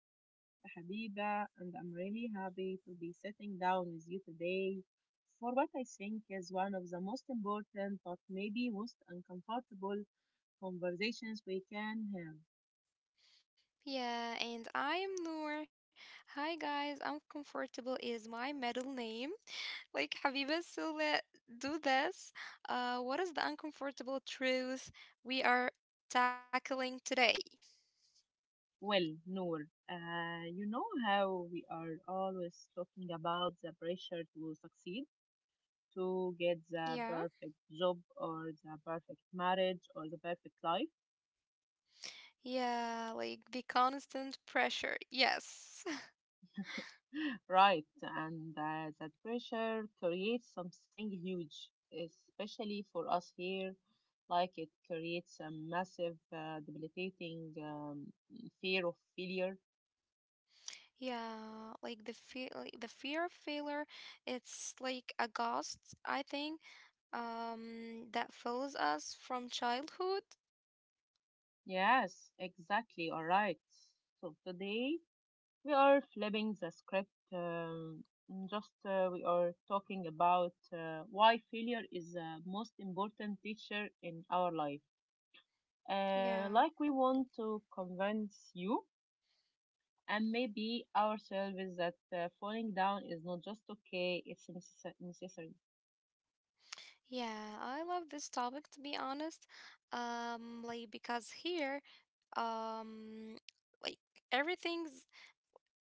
I am your host Habiba and I'm really happy to be sitting down with you today for what I think is one of the most important but maybe most uncomfortable conversations we can have. Yeah, and I am Noor. Hi guys, uncomfortable is my middle name. Like Habiba, so let do this. What is the uncomfortable truth we are tackling today? Well, Noor, you know how we are always talking about the pressure to succeed, to get the Yeah, perfect job or the perfect marriage or the perfect life? yeah, like the constant pressure. Yes, Right, and that pressure creates something huge, especially for us here. Like it creates a massive, debilitating fear of failure. yeah, like the fear of failure. It's like a ghost, I think. That follows us from childhood. Yes, exactly. All right. So today we are flipping the script. Just we are talking about why failure is the most important teacher in our life. Uh, Yeah. like we want to convince you and maybe ourselves is that falling down is not just okay, it's necessary. Yeah, I love this topic to be honest. Like because here, um, like everything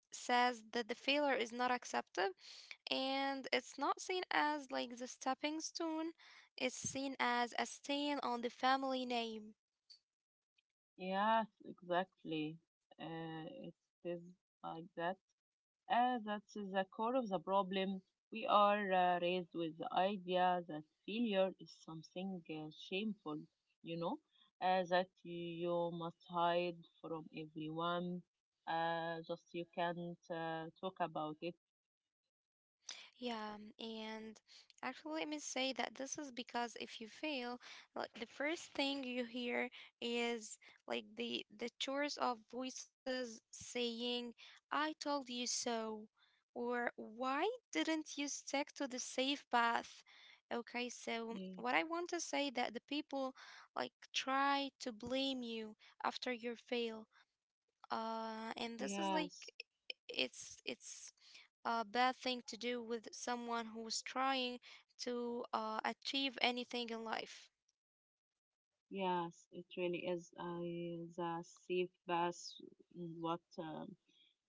says that the failure is not accepted and it's not seen as like the stepping stone, it's seen as a stain on the family name. Yes, exactly. It is like that. That's the core of the problem. We are raised with the idea that failure is something shameful, you know, that you must hide from everyone, just you can't talk about it. Yeah, and actually, let me say that this is because if you fail, like the first thing you hear is like the chorus of voices saying, "I told you so," or "Why didn't you stick to the safe path?" Okay, so Yeah. what I want to say that the people like try to blame you after your fail, and this is like Yes, it's a bad thing to do with someone who's trying to achieve anything in life. yes, it really is. I The safe bass. What um,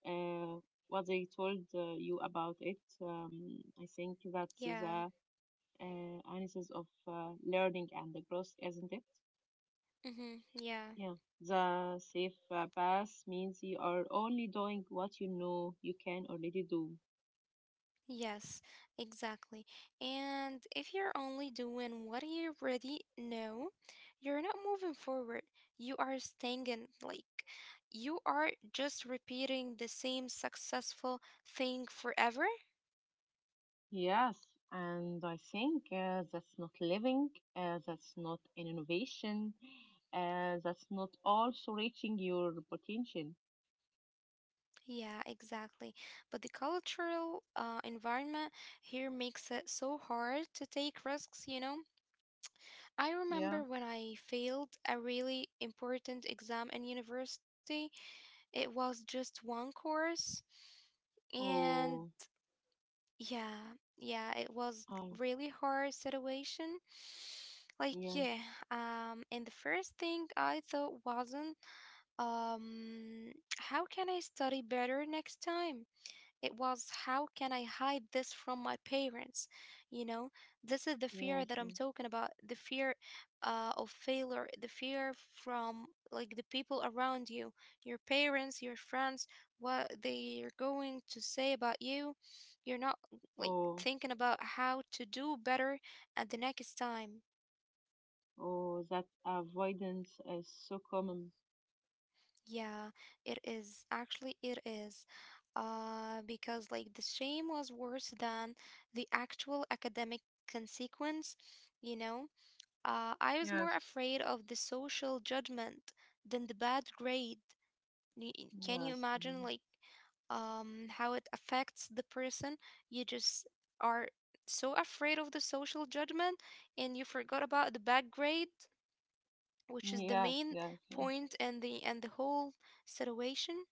uh, what they told you about it. I think that's the Yeah. Analysis of learning and the growth, isn't it? Mm-hmm. Yeah. Yeah. The safe pass means you are only doing what you know you can already do. Yes, exactly. And if you're only doing what you already know, you're not moving forward. You are stagnant. Like, you are just repeating the same successful thing forever. Yes, and I think that's not living, that's not an innovation, that's not also reaching your potential. Yeah, exactly. But the cultural environment here makes it so hard to take risks, you know? I Yeah. remember when I failed a really important exam in university. It was just one course. And Oh, yeah, yeah, it was I, really hard situation. Like yes, yeah, and the first thing I thought wasn't um how can I study better next time? It was, how can I hide this from my parents? You know, this is the yes. fear that I'm Mm. talking about the fear of failure, the fear from like the people around you, your parents, your friends, what they're going to say about you. You're not like Oh, thinking about how to do better at the next time. oh, that avoidance is so common. Yeah, it is. Actually, it is. Because like the shame was worse than the actual academic consequence, you know? I was more Yes, afraid of the social judgment than the bad grade. Can you yes, imagine mm, like how it affects the person? You just are so afraid of the social judgment and you forgot about the bad grade, which is the yes, main yes. point and the whole situation.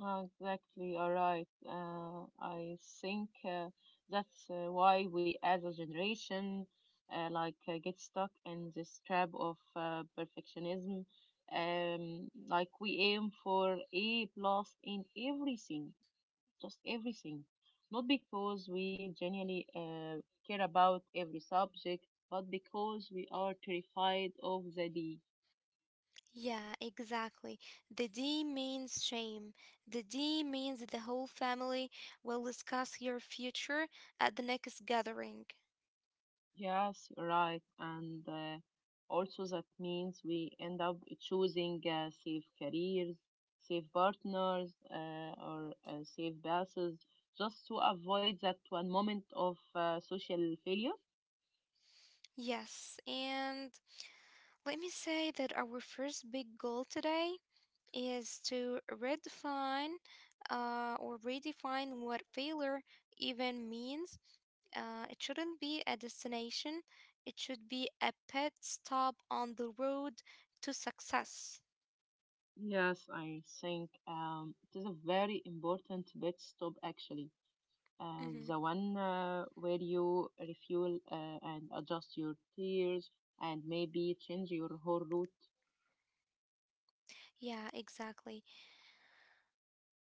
Ah, exactly. All right. I think that's why we as a generation like get stuck in this trap of perfectionism. Like we aim for A plus in everything, just everything. Not because we genuinely care about every subject, but because we are terrified of the D. Yeah, exactly. The D means shame. The D means the whole family will discuss your future at the next gathering. Yes, you're right. And also, that means we end up choosing safe careers, safe partners, or safe passes just to avoid that one moment of social failure. Yes, and let me say that our first big goal today is to redefine or redefine what failure even means. It shouldn't be a destination, it should be a pit stop on the road to success. Yes, I think it is a very important pit stop actually. Uh, hmm the one where you refuel and adjust your tears and maybe change your whole route. Yeah, exactly.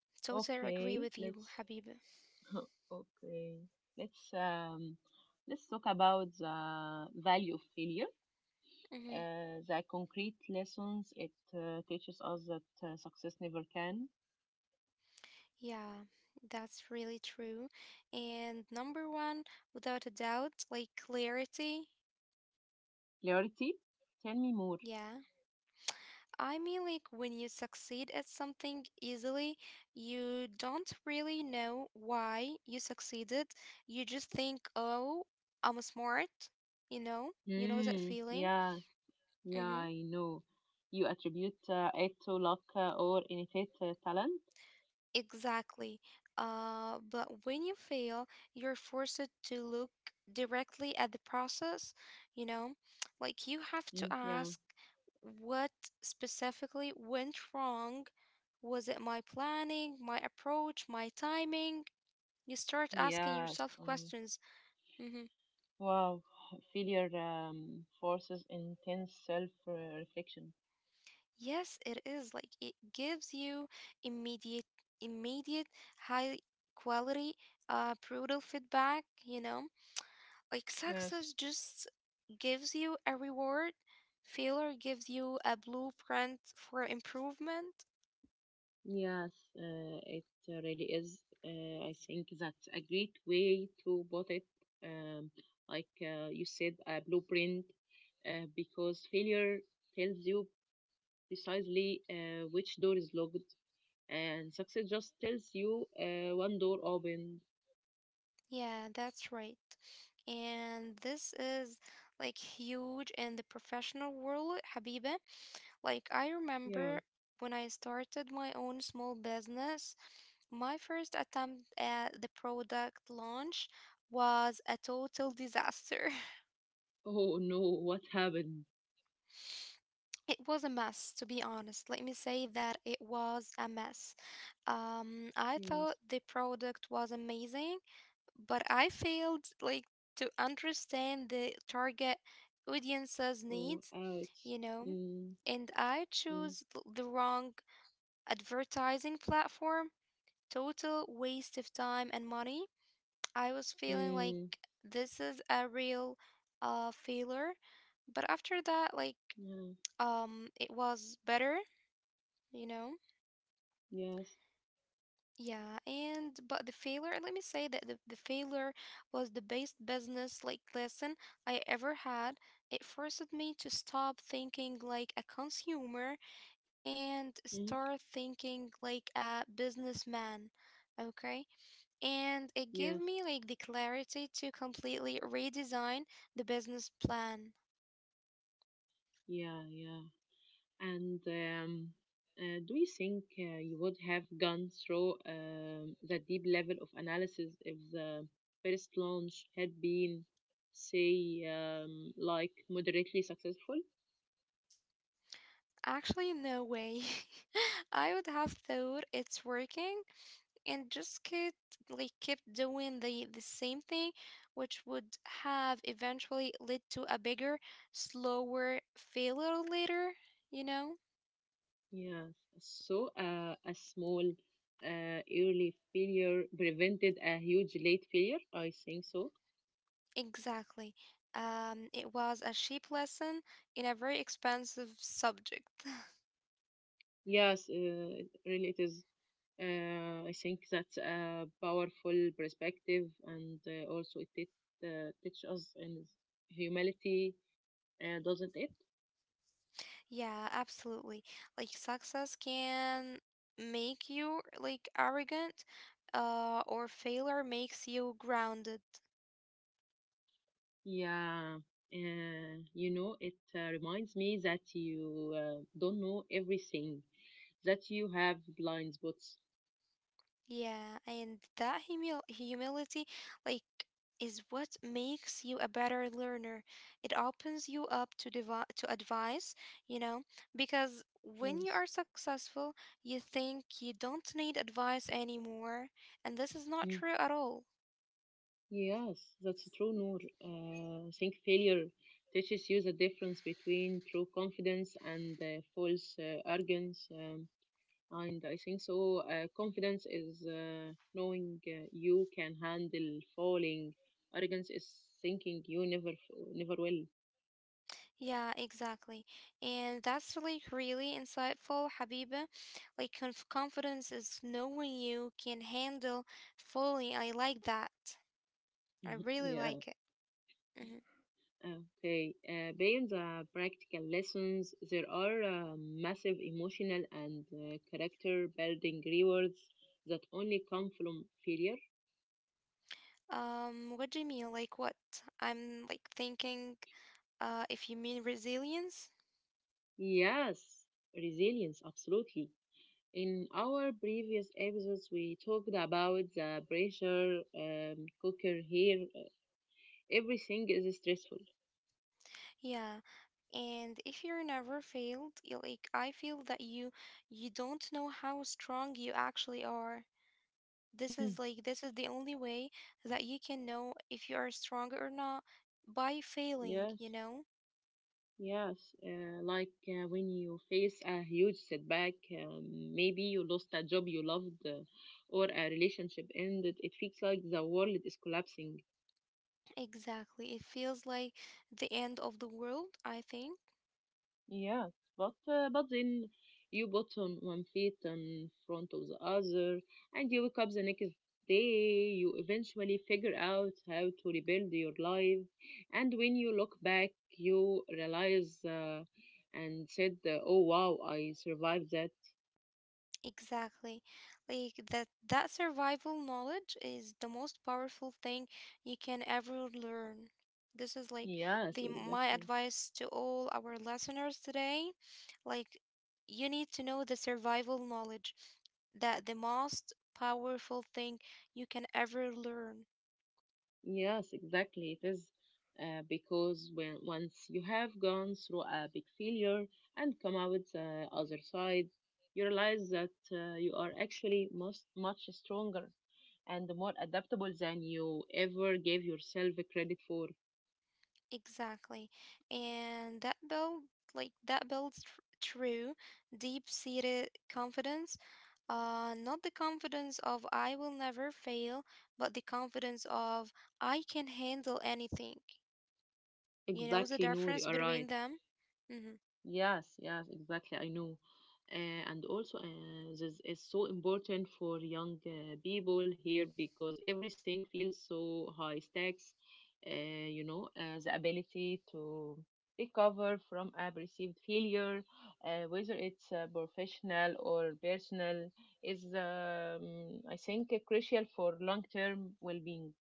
Totally agree with Okay, you, let's Habib. okay. Let's um let's talk about the value of failure. hmm The concrete lessons it teaches us that success never can. Yeah, that's really true. And number one, without a doubt, like clarity. Clarity. Tell me more. Yeah. I mean, like when you succeed at something easily, you don't really know why you succeeded. You just think, oh, I'm smart, you know? You know that Mm, feeling? yeah, yeah, I know. You attribute it to luck or innate talent. Exactly. But when you fail, you're forced to look directly at the process, you know? Like you have to Mm, yeah, ask what specifically went wrong? Was it my planning, my approach, my timing? You start asking yes. yourself Um, questions. hmm wow, failure forces intense self-reflection. Yes, it is. Like it gives you immediate, immediate, high quality, brutal feedback, you know? Like Yes. success just gives you a reward, failure gives you a blueprint for improvement. Yes, it really is. I think that's a great way to put it. Um, like you said, a blueprint, because failure tells you precisely which door is locked, and success just tells you one door opened. Yeah, that's right. And this is like huge in the professional world, Habiba. Like I Yeah. remember when I started my own small business, my first attempt at the product launch was a total disaster. Oh no, what happened? It was a mess, to be honest. Let me say that it was a mess. I thought Yes. the product was amazing, but I failed like to understand the target audience's Oh, needs, ouch. you know, Mm, and I mm, chose the wrong advertising platform. Total waste of time and money. I was feeling like mm. this is a real failure, but after that, like Yeah. It was better, you know. Yes. Yeah, and but the failure, let me say that the failure was the best business like lesson I ever had. It forced me to stop thinking like a consumer and Mm, start thinking like a businessman, okay, and it gave me yes. like the clarity to completely redesign the business plan. Yeah. Yeah. And do you think you would have gone through the deep level of analysis if the first launch had been, say, like moderately successful? Actually no way. I would have thought it's working and just kept like kept doing the same thing, which would have eventually led to a bigger, slower failure later, you know. Yes. So a small early failure prevented a huge late failure. I think so. Exactly. It was a cheap lesson in a very expensive subject. Yes, it really, it is. I think that's a powerful perspective, and also it teach us in humility, doesn't it? Yeah, absolutely. Like success can make you like arrogant, or failure makes you grounded. Yeah. It reminds me that you don't know everything, that you have blind spots. Yeah, and that humility, like, is what makes you a better learner. It opens you up to devi to advice, you know, because when you Yes. are successful, you think you don't need advice anymore, and this is not true Mm. at all. Yes, that's true, Noor. I think failure teaches you the difference between true confidence and false arrogance. And I think so. Confidence is knowing you can handle falling. Arrogance is thinking you never will. Yeah, exactly. And that's like really insightful, Habiba. Like confidence is knowing you can handle fully. I like that. I really Yeah. like it. Mhm. Okay. Beyond the practical lessons, there are massive emotional and character building rewards that only come from failure. What do you mean? Like what? I'm like thinking, if you mean resilience, Yes, resilience, absolutely. In our previous episodes, we talked about the pressure cooker here. Everything is stressful. yeah. And if you're never failed, you like I feel that you don't know how strong you actually are. This Hmm. is like this is the only way that you can know if you are strong or not by failing, you Yes, know? yes. Like when you face a huge setback, um, maybe you lost a job you loved or a relationship ended, it feels like the world is collapsing. Exactly. It feels like the end of the world, I think. Yes, but then you put on one feet in front of the other, and you wake up the next day. You eventually figure out how to rebuild your life, and when you look back, you realize and said, "Oh wow, I survived that." Exactly. Like that survival knowledge is the most powerful thing you can ever learn. This is like Yes, the my exactly. advice to all our listeners today. Like you need to know the survival knowledge that the most powerful thing you can ever learn. Yes, exactly. It is because when once you have gone through a big failure and come out the other side, you realize that you are actually much much stronger and more adaptable than you ever gave yourself credit for. Exactly. And that build like that builds tr true deep-seated confidence. Not the confidence of I will never fail, but the confidence of I can handle anything. You know the Exactly, Noor, you difference are between right. them? Mm-hmm. Yes, yes, exactly. I know. And also, this is so important for young people here because everything feels so high stakes. Uh, the ability to recover from a perceived failure, whether it's professional or personal, is, I think, crucial for long term well being.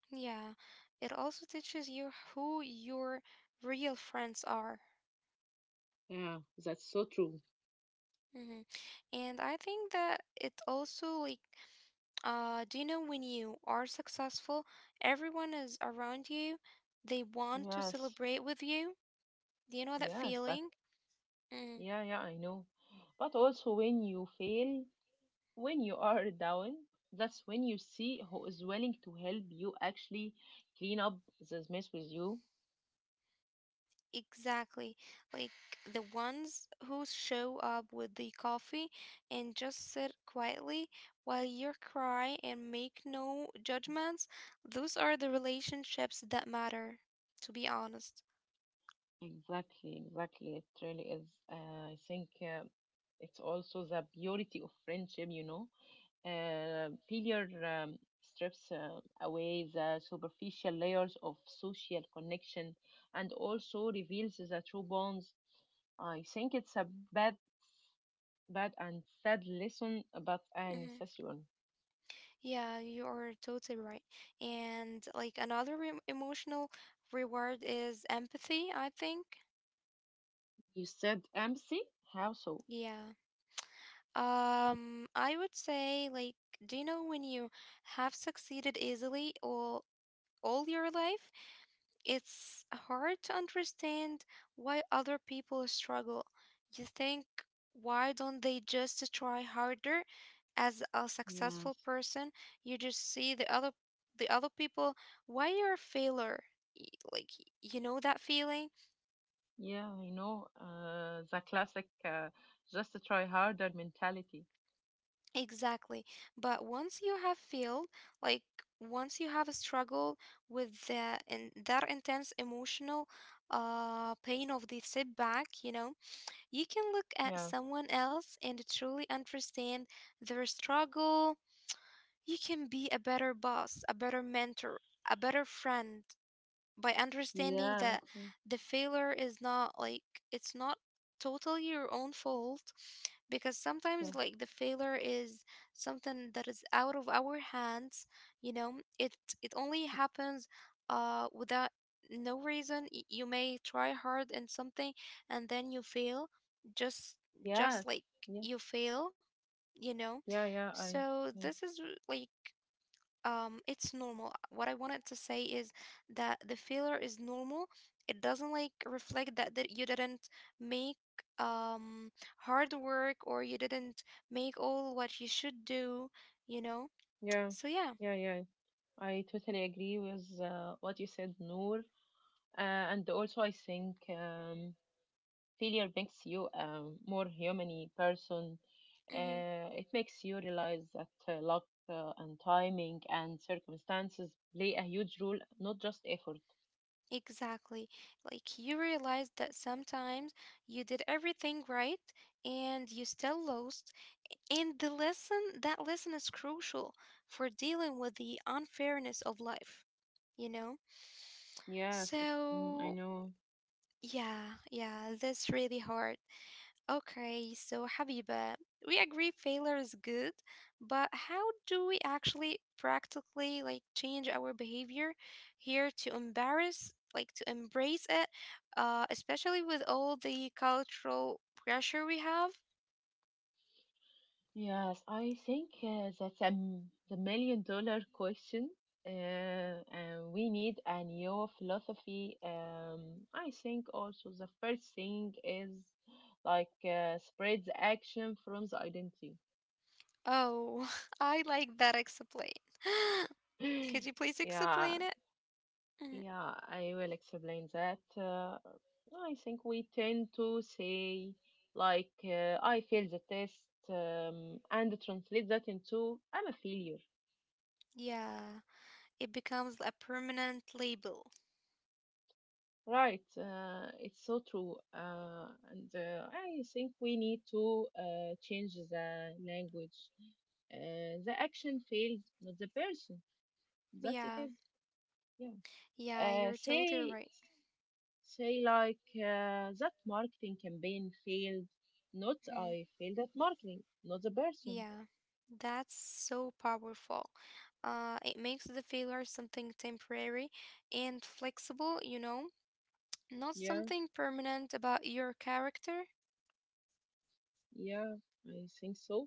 Yeah. It also teaches you who your real friends are. Yeah, that's so true. Mm-hmm. And I think that it also like, uh, do you know when you are successful, everyone is around you, they want to Yes, celebrate with you? Do you know that yes, but feeling? Mm, yeah, yeah, I know. But also, when you fail, when you are down, that's when you see who is willing to help you actually clean up this mess with you. exactly. Like the ones who show up with the coffee and just sit quietly while you cry and make no judgments, those are the relationships that matter, to be honest. Exactly, exactly. It really is. I think it's also the beauty of friendship. Failure strips away the superficial layers of social connection and also reveals the true bonds. I think it's a bad bad and sad lesson, but a Mm-hmm. necessary one. Yeah, you are totally right. And like another re emotional reward is empathy, I think. You said empty? How so? Yeah. I would say like, do you know when you have succeeded easily all your life? It's hard to understand why other people struggle. You think, why don't they just try harder? As a successful Yes. person, you just see the other people, why you're a failure? Y- Like you know that feeling? Yeah, I know. The classic just try harder mentality. Exactly. But once you have failed, like once you have a struggle with that and that intense emotional pain of the setback, you know, you can look at Yeah. someone else and truly understand their struggle. You can be a better boss, a better mentor, a better friend by understanding Yeah, that okay. the failure is not like it's not totally your own fault, because Yeah. sometimes like the failure is something that is out of our hands, you know. It only happens without no reason. You may try hard in something and then you fail, just Yes. just like Yes. you fail, you know. Yeah. Yeah. I. So this I is like, it's normal. What I wanted to say is that the failure is normal. It doesn't like reflect that you didn't make um hard work or you didn't make all what you should do, you know. yeah. So yeah. Yeah. Yeah. I totally agree with what you said, Noor. And also, I think failure makes you a more human person. hmm It makes you realize that luck and timing and circumstances play a huge role, not just effort. exactly. Like you realize that sometimes you did everything right and you still lost, and the lesson that lesson is crucial for dealing with the unfairness of life, you know? Yes, mm, I So, know. yeah, yeah, that's really hard. Okay, so Habiba, we agree failure is good, but how do we actually practically like change our behavior here to embarrass, like to embrace it, especially with all the cultural pressure we have? Yes, I think that's the million dollar question. Uh, and we need a new philosophy. I think also the first thing is like spread the action from the identity. Oh, I like that explain. Could you please yeah, explain it? Mm, yeah, I will explain that. I think we tend to say, like, I failed the test, and translate that into I'm a failure. yeah, it becomes a permanent label. Right, it's so true. And I think we need to change the language. The action failed, not the person. That it Yeah, is. Yeah. yeah, Uh, you're totally say right. Say like that marketing campaign failed. Not Mhm. I failed at marketing, not the person. Yeah, that's so powerful. It makes the failure something temporary and flexible, you know, not Yeah, something permanent about your character. yeah, I think so.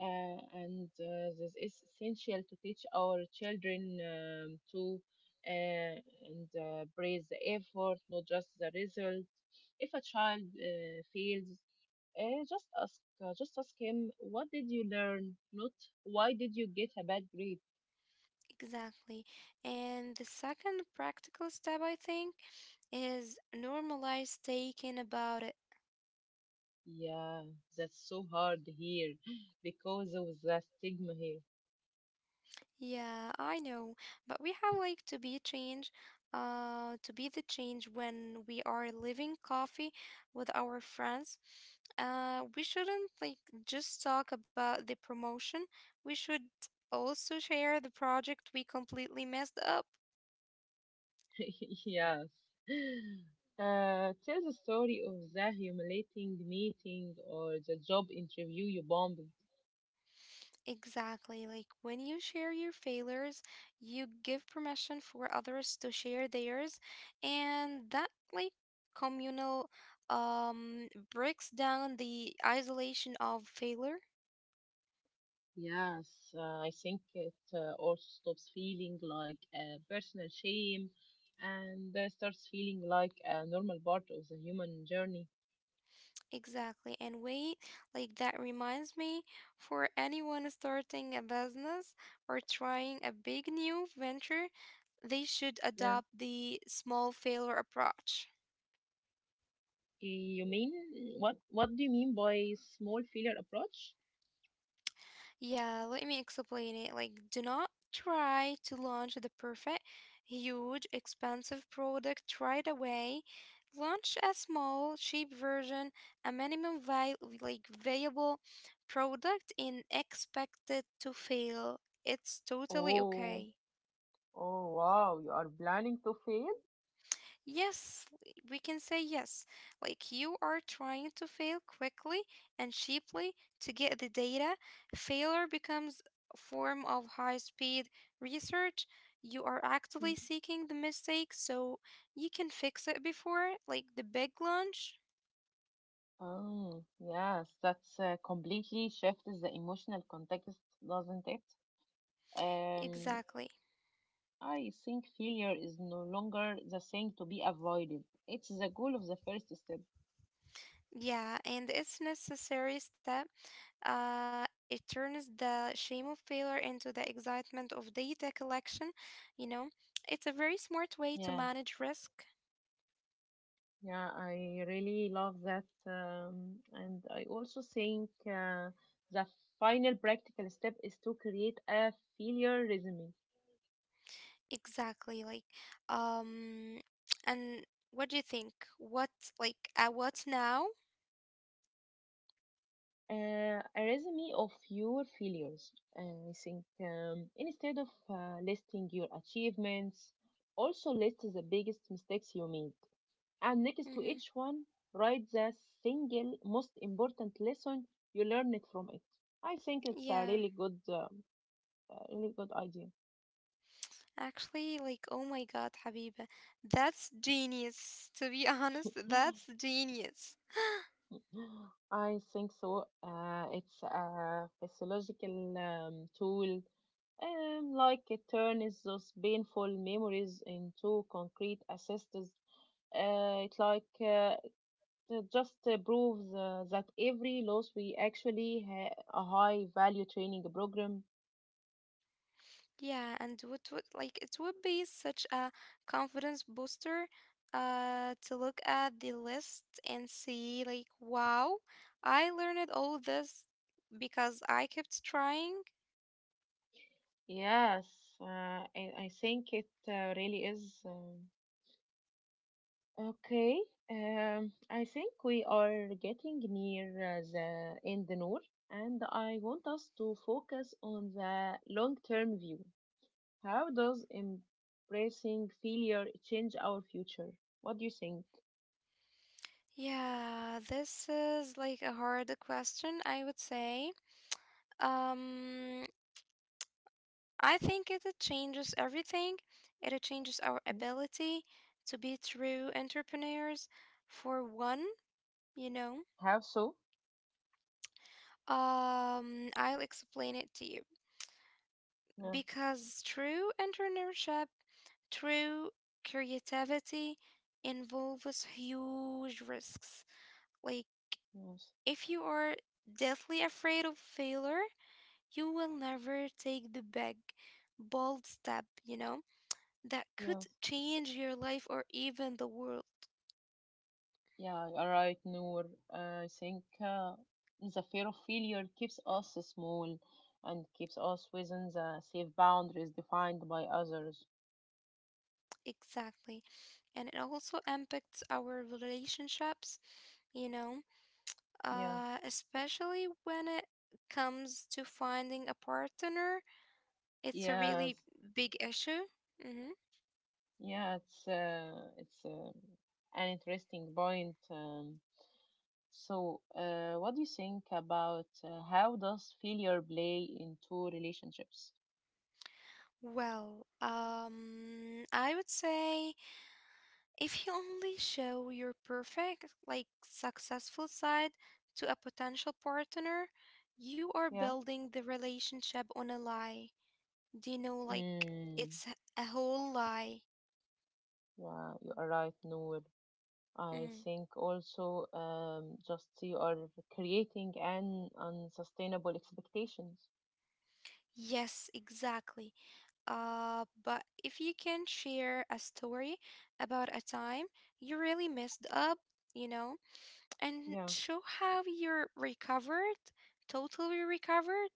And this is essential to teach our children to uh, and praise the effort, not just the result. If a child fails, just ask him, what did you learn? Not why did you get a bad grade? Exactly. And the second practical step, I think, is normalize taking about it. Yeah, that's so hard here because of the stigma here. Yeah, I know, but we have like to be change, to be the change when we are living coffee with our friends. We shouldn't like just talk about the promotion. We should also share the project we completely messed up. Yes. Tell the story of the humiliating meeting or the job interview you bombed. Exactly. Like when you share your failures, you give permission for others to share theirs, and that like communal breaks down the isolation of failure. Yes, I think it also stops feeling like a personal shame and starts feeling like a normal part of the human journey. Exactly. And wait, like that reminds me for anyone starting a business or trying a big new venture, they should Yeah. adopt the small failure approach. You mean what? What do you mean by small failure approach? Yeah, let me explain it. Like, do not try to launch the perfect, huge, expensive product right away. Launch a small, cheap version, a like viable product, and expect it to fail. It's totally okay. Oh, oh, wow, you are planning to fail? Yes, we can say yes. Like you are trying to fail quickly and cheaply to get the data. Failure becomes a form of high-speed research. You are actively seeking the mistake so you can fix it before like the big launch. Oh, yes, that's completely shifts the emotional context, doesn't it? Um, Exactly. I think failure is no longer the thing to be avoided. It's the goal of the first step. Yeah, and it's necessary step. It turns the shame of failure into the excitement of data collection, you know. It's a very smart way to Yeah, manage risk. yeah, I really love that. And I also think the final practical step is to create a failure resume. Exactly. Like, um, and what do you think? What like at what now? A resume of your failures. I think instead of listing your achievements, also list the biggest mistakes you made. And next to Mm-hmm. each one, write the single most important lesson you learned from it. I think it's a Yeah, really good, uh, a really good idea. actually, like, oh my God, Habiba, that's genius. To be honest, that's genius. I think so. It's a physiological tool, like it turns those painful memories into concrete assists. Uh, it like uh, it just proves that every loss we actually a high value training program. Yeah, and what would like it would be such a confidence booster, to look at the list and see like, wow, I learned all this because I kept trying. Yes, I think it really is. Okay, I think we are getting near the end, Noor, and I want us to focus on the long-term view. How does embracing failure change our future? What do you think? Yeah, this is like a hard question, I would say. Um, I think it changes everything. It changes our Hmm? ability to be true entrepreneurs for one, you know. How so? I'll explain it to you Yeah, because true entrepreneurship, true creativity involves huge risks. Like yes, if you are deathly afraid of failure, you will never take the big, bold step, you know, that could yes. change your life or even the world. Yeah, you're right, Noor. I think the fear of failure keeps us small and keeps us within the safe boundaries defined by others. Exactly. And it also impacts our relationships, you know, Yeah. Especially when it comes to finding a partner. It's a really Yes, big issue. Hmm. yeah, it's an interesting point. So, what do you think about how does failure play into relationships? Well, I would say if you only show your perfect, like successful side to a potential partner, you are Yeah. building the relationship on a lie. Do you know, like, Mm, it's h- a whole lie. yeah, you are right, Noor. I Mhm. think also just you are creating an unsustainable expectations. Yes, exactly. But if you can share a story about a time you really messed up, you know, and Yeah. show how you're recovered, totally recovered,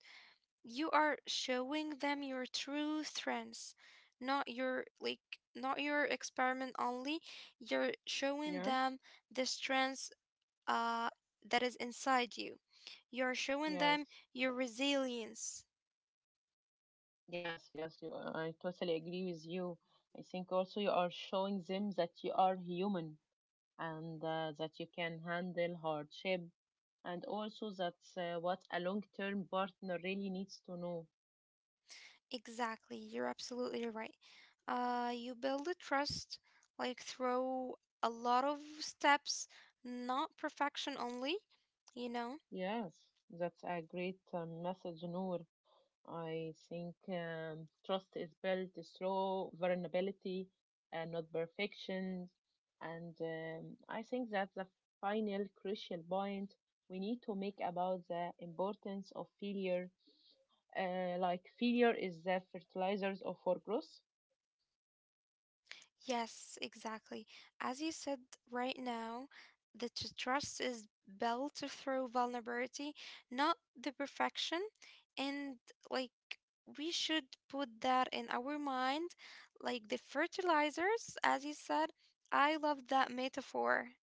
you are showing them your true strengths, not your not your experiment only. You're showing Yeah. them the strengths uh that is inside you. You're showing them Yes. your resilience. Yes. Yes. I totally agree with you. I think also you are showing them that you are human and that you can handle hardship, and also that's what a long term partner really needs to know. Exactly, you're absolutely right. You build a trust like through a lot of steps, not perfection only, you know? Yes, that's a great message, Noor. I think trust is built through vulnerability and not perfection. And I think that's the final crucial point we need to make about the importance of failure. Like failure is the fertilizers of our growth. Yes, exactly. As you said right now, the trust is built through vulnerability, not the perfection. And like we should put that in our mind, like the fertilizers, as you said. I love that metaphor.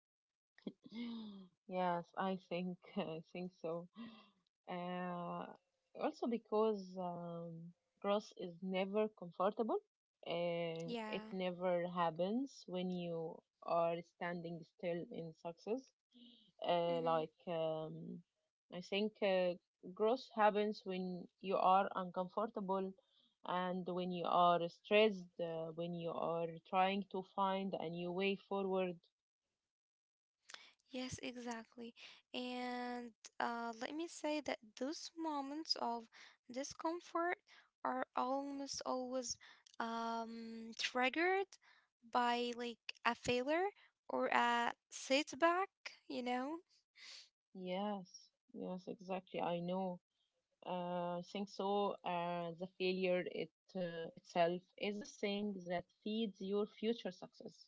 Yes, I think I think so. Uh, also because growth is never comfortable, and it Yeah. never happens when you are standing still in success. Uh, Hmm. like um, I think growth happens when you are uncomfortable, and when you are stressed, when you are trying to find a new way forward. Yes, exactly. And let me say that those moments of discomfort are almost always triggered by like a failure or a setback, you know? Yes, yes, exactly. I know. I think so. The failure it itself is a thing that feeds your future success.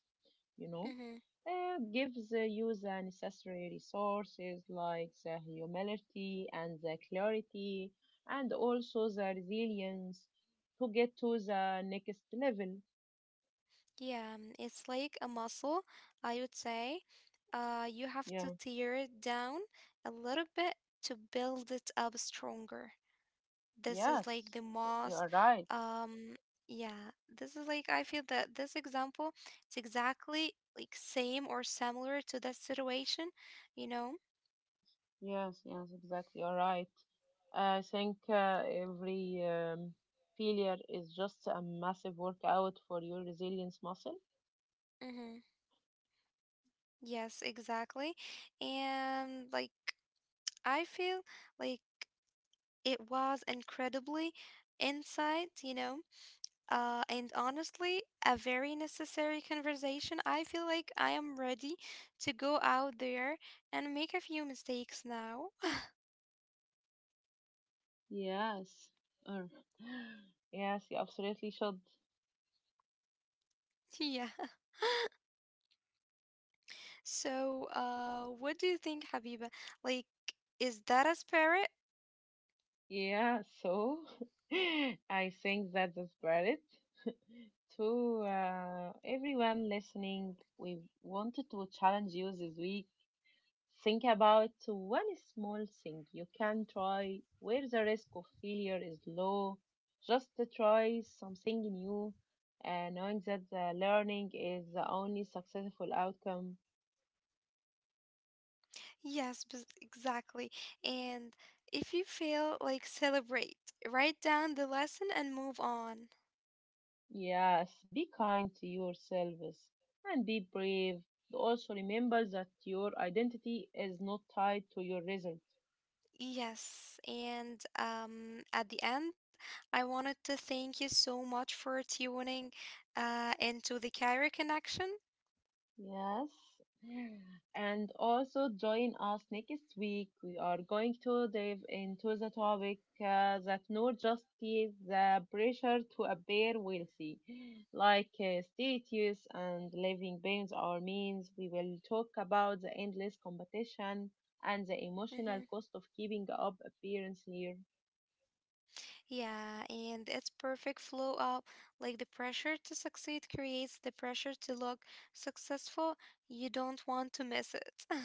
You know, Mm-hmm. Gives you the necessary resources like the humility and the clarity, and also the resilience to get to the next level. Yeah, it's like a muscle, I would say. You have to Yeah. tear it down a little bit to build it up stronger. This is Yes, like the you most are right. um yeah, this is like I feel that this example it's exactly like same or similar to that situation, you know. Yes, yes, exactly. You're right. I think every failure is just a massive workout for your resilience muscle. Mm-hmm. Yes, exactly. And like I feel like it was incredibly insight, you know. And honestly a very necessary conversation. I feel like I am ready to go out there and make a few mistakes now. Yes. Or yes, you absolutely should. Yeah. So, what do you think, Habiba? Like, is that a spirit? Yeah, so I think that's the spirit. To everyone listening, we wanted to challenge you this week. Think about one small thing you can try where the risk of failure is low. Just to try something new, knowing that the learning is the only successful outcome. Yes, exactly. And if you fail, like, celebrate. Write down the lesson and move on. Yes, be kind to yourselves and be brave. Also, remember that your identity is not tied to your result. Yes, and at the end, I wanted to thank you so much for tuning into the Cairo Connection. Yes. And also join us next week. We are going to dive into the topic that not just is the pressure to appear wealthy, like status and living pains or means. We will talk about the endless competition and the emotional Mhm. cost of keeping up appearance here. Yeah, and it's perfect flow up. Like the pressure to succeed creates the pressure to look successful. You don't want to miss it.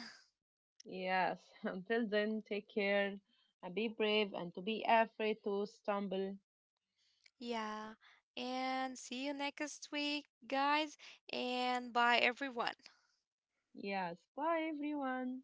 Yes. Until then, take care and be brave and to be afraid to stumble. Yeah. And see you next week, guys, and bye everyone. Yes. Bye, everyone.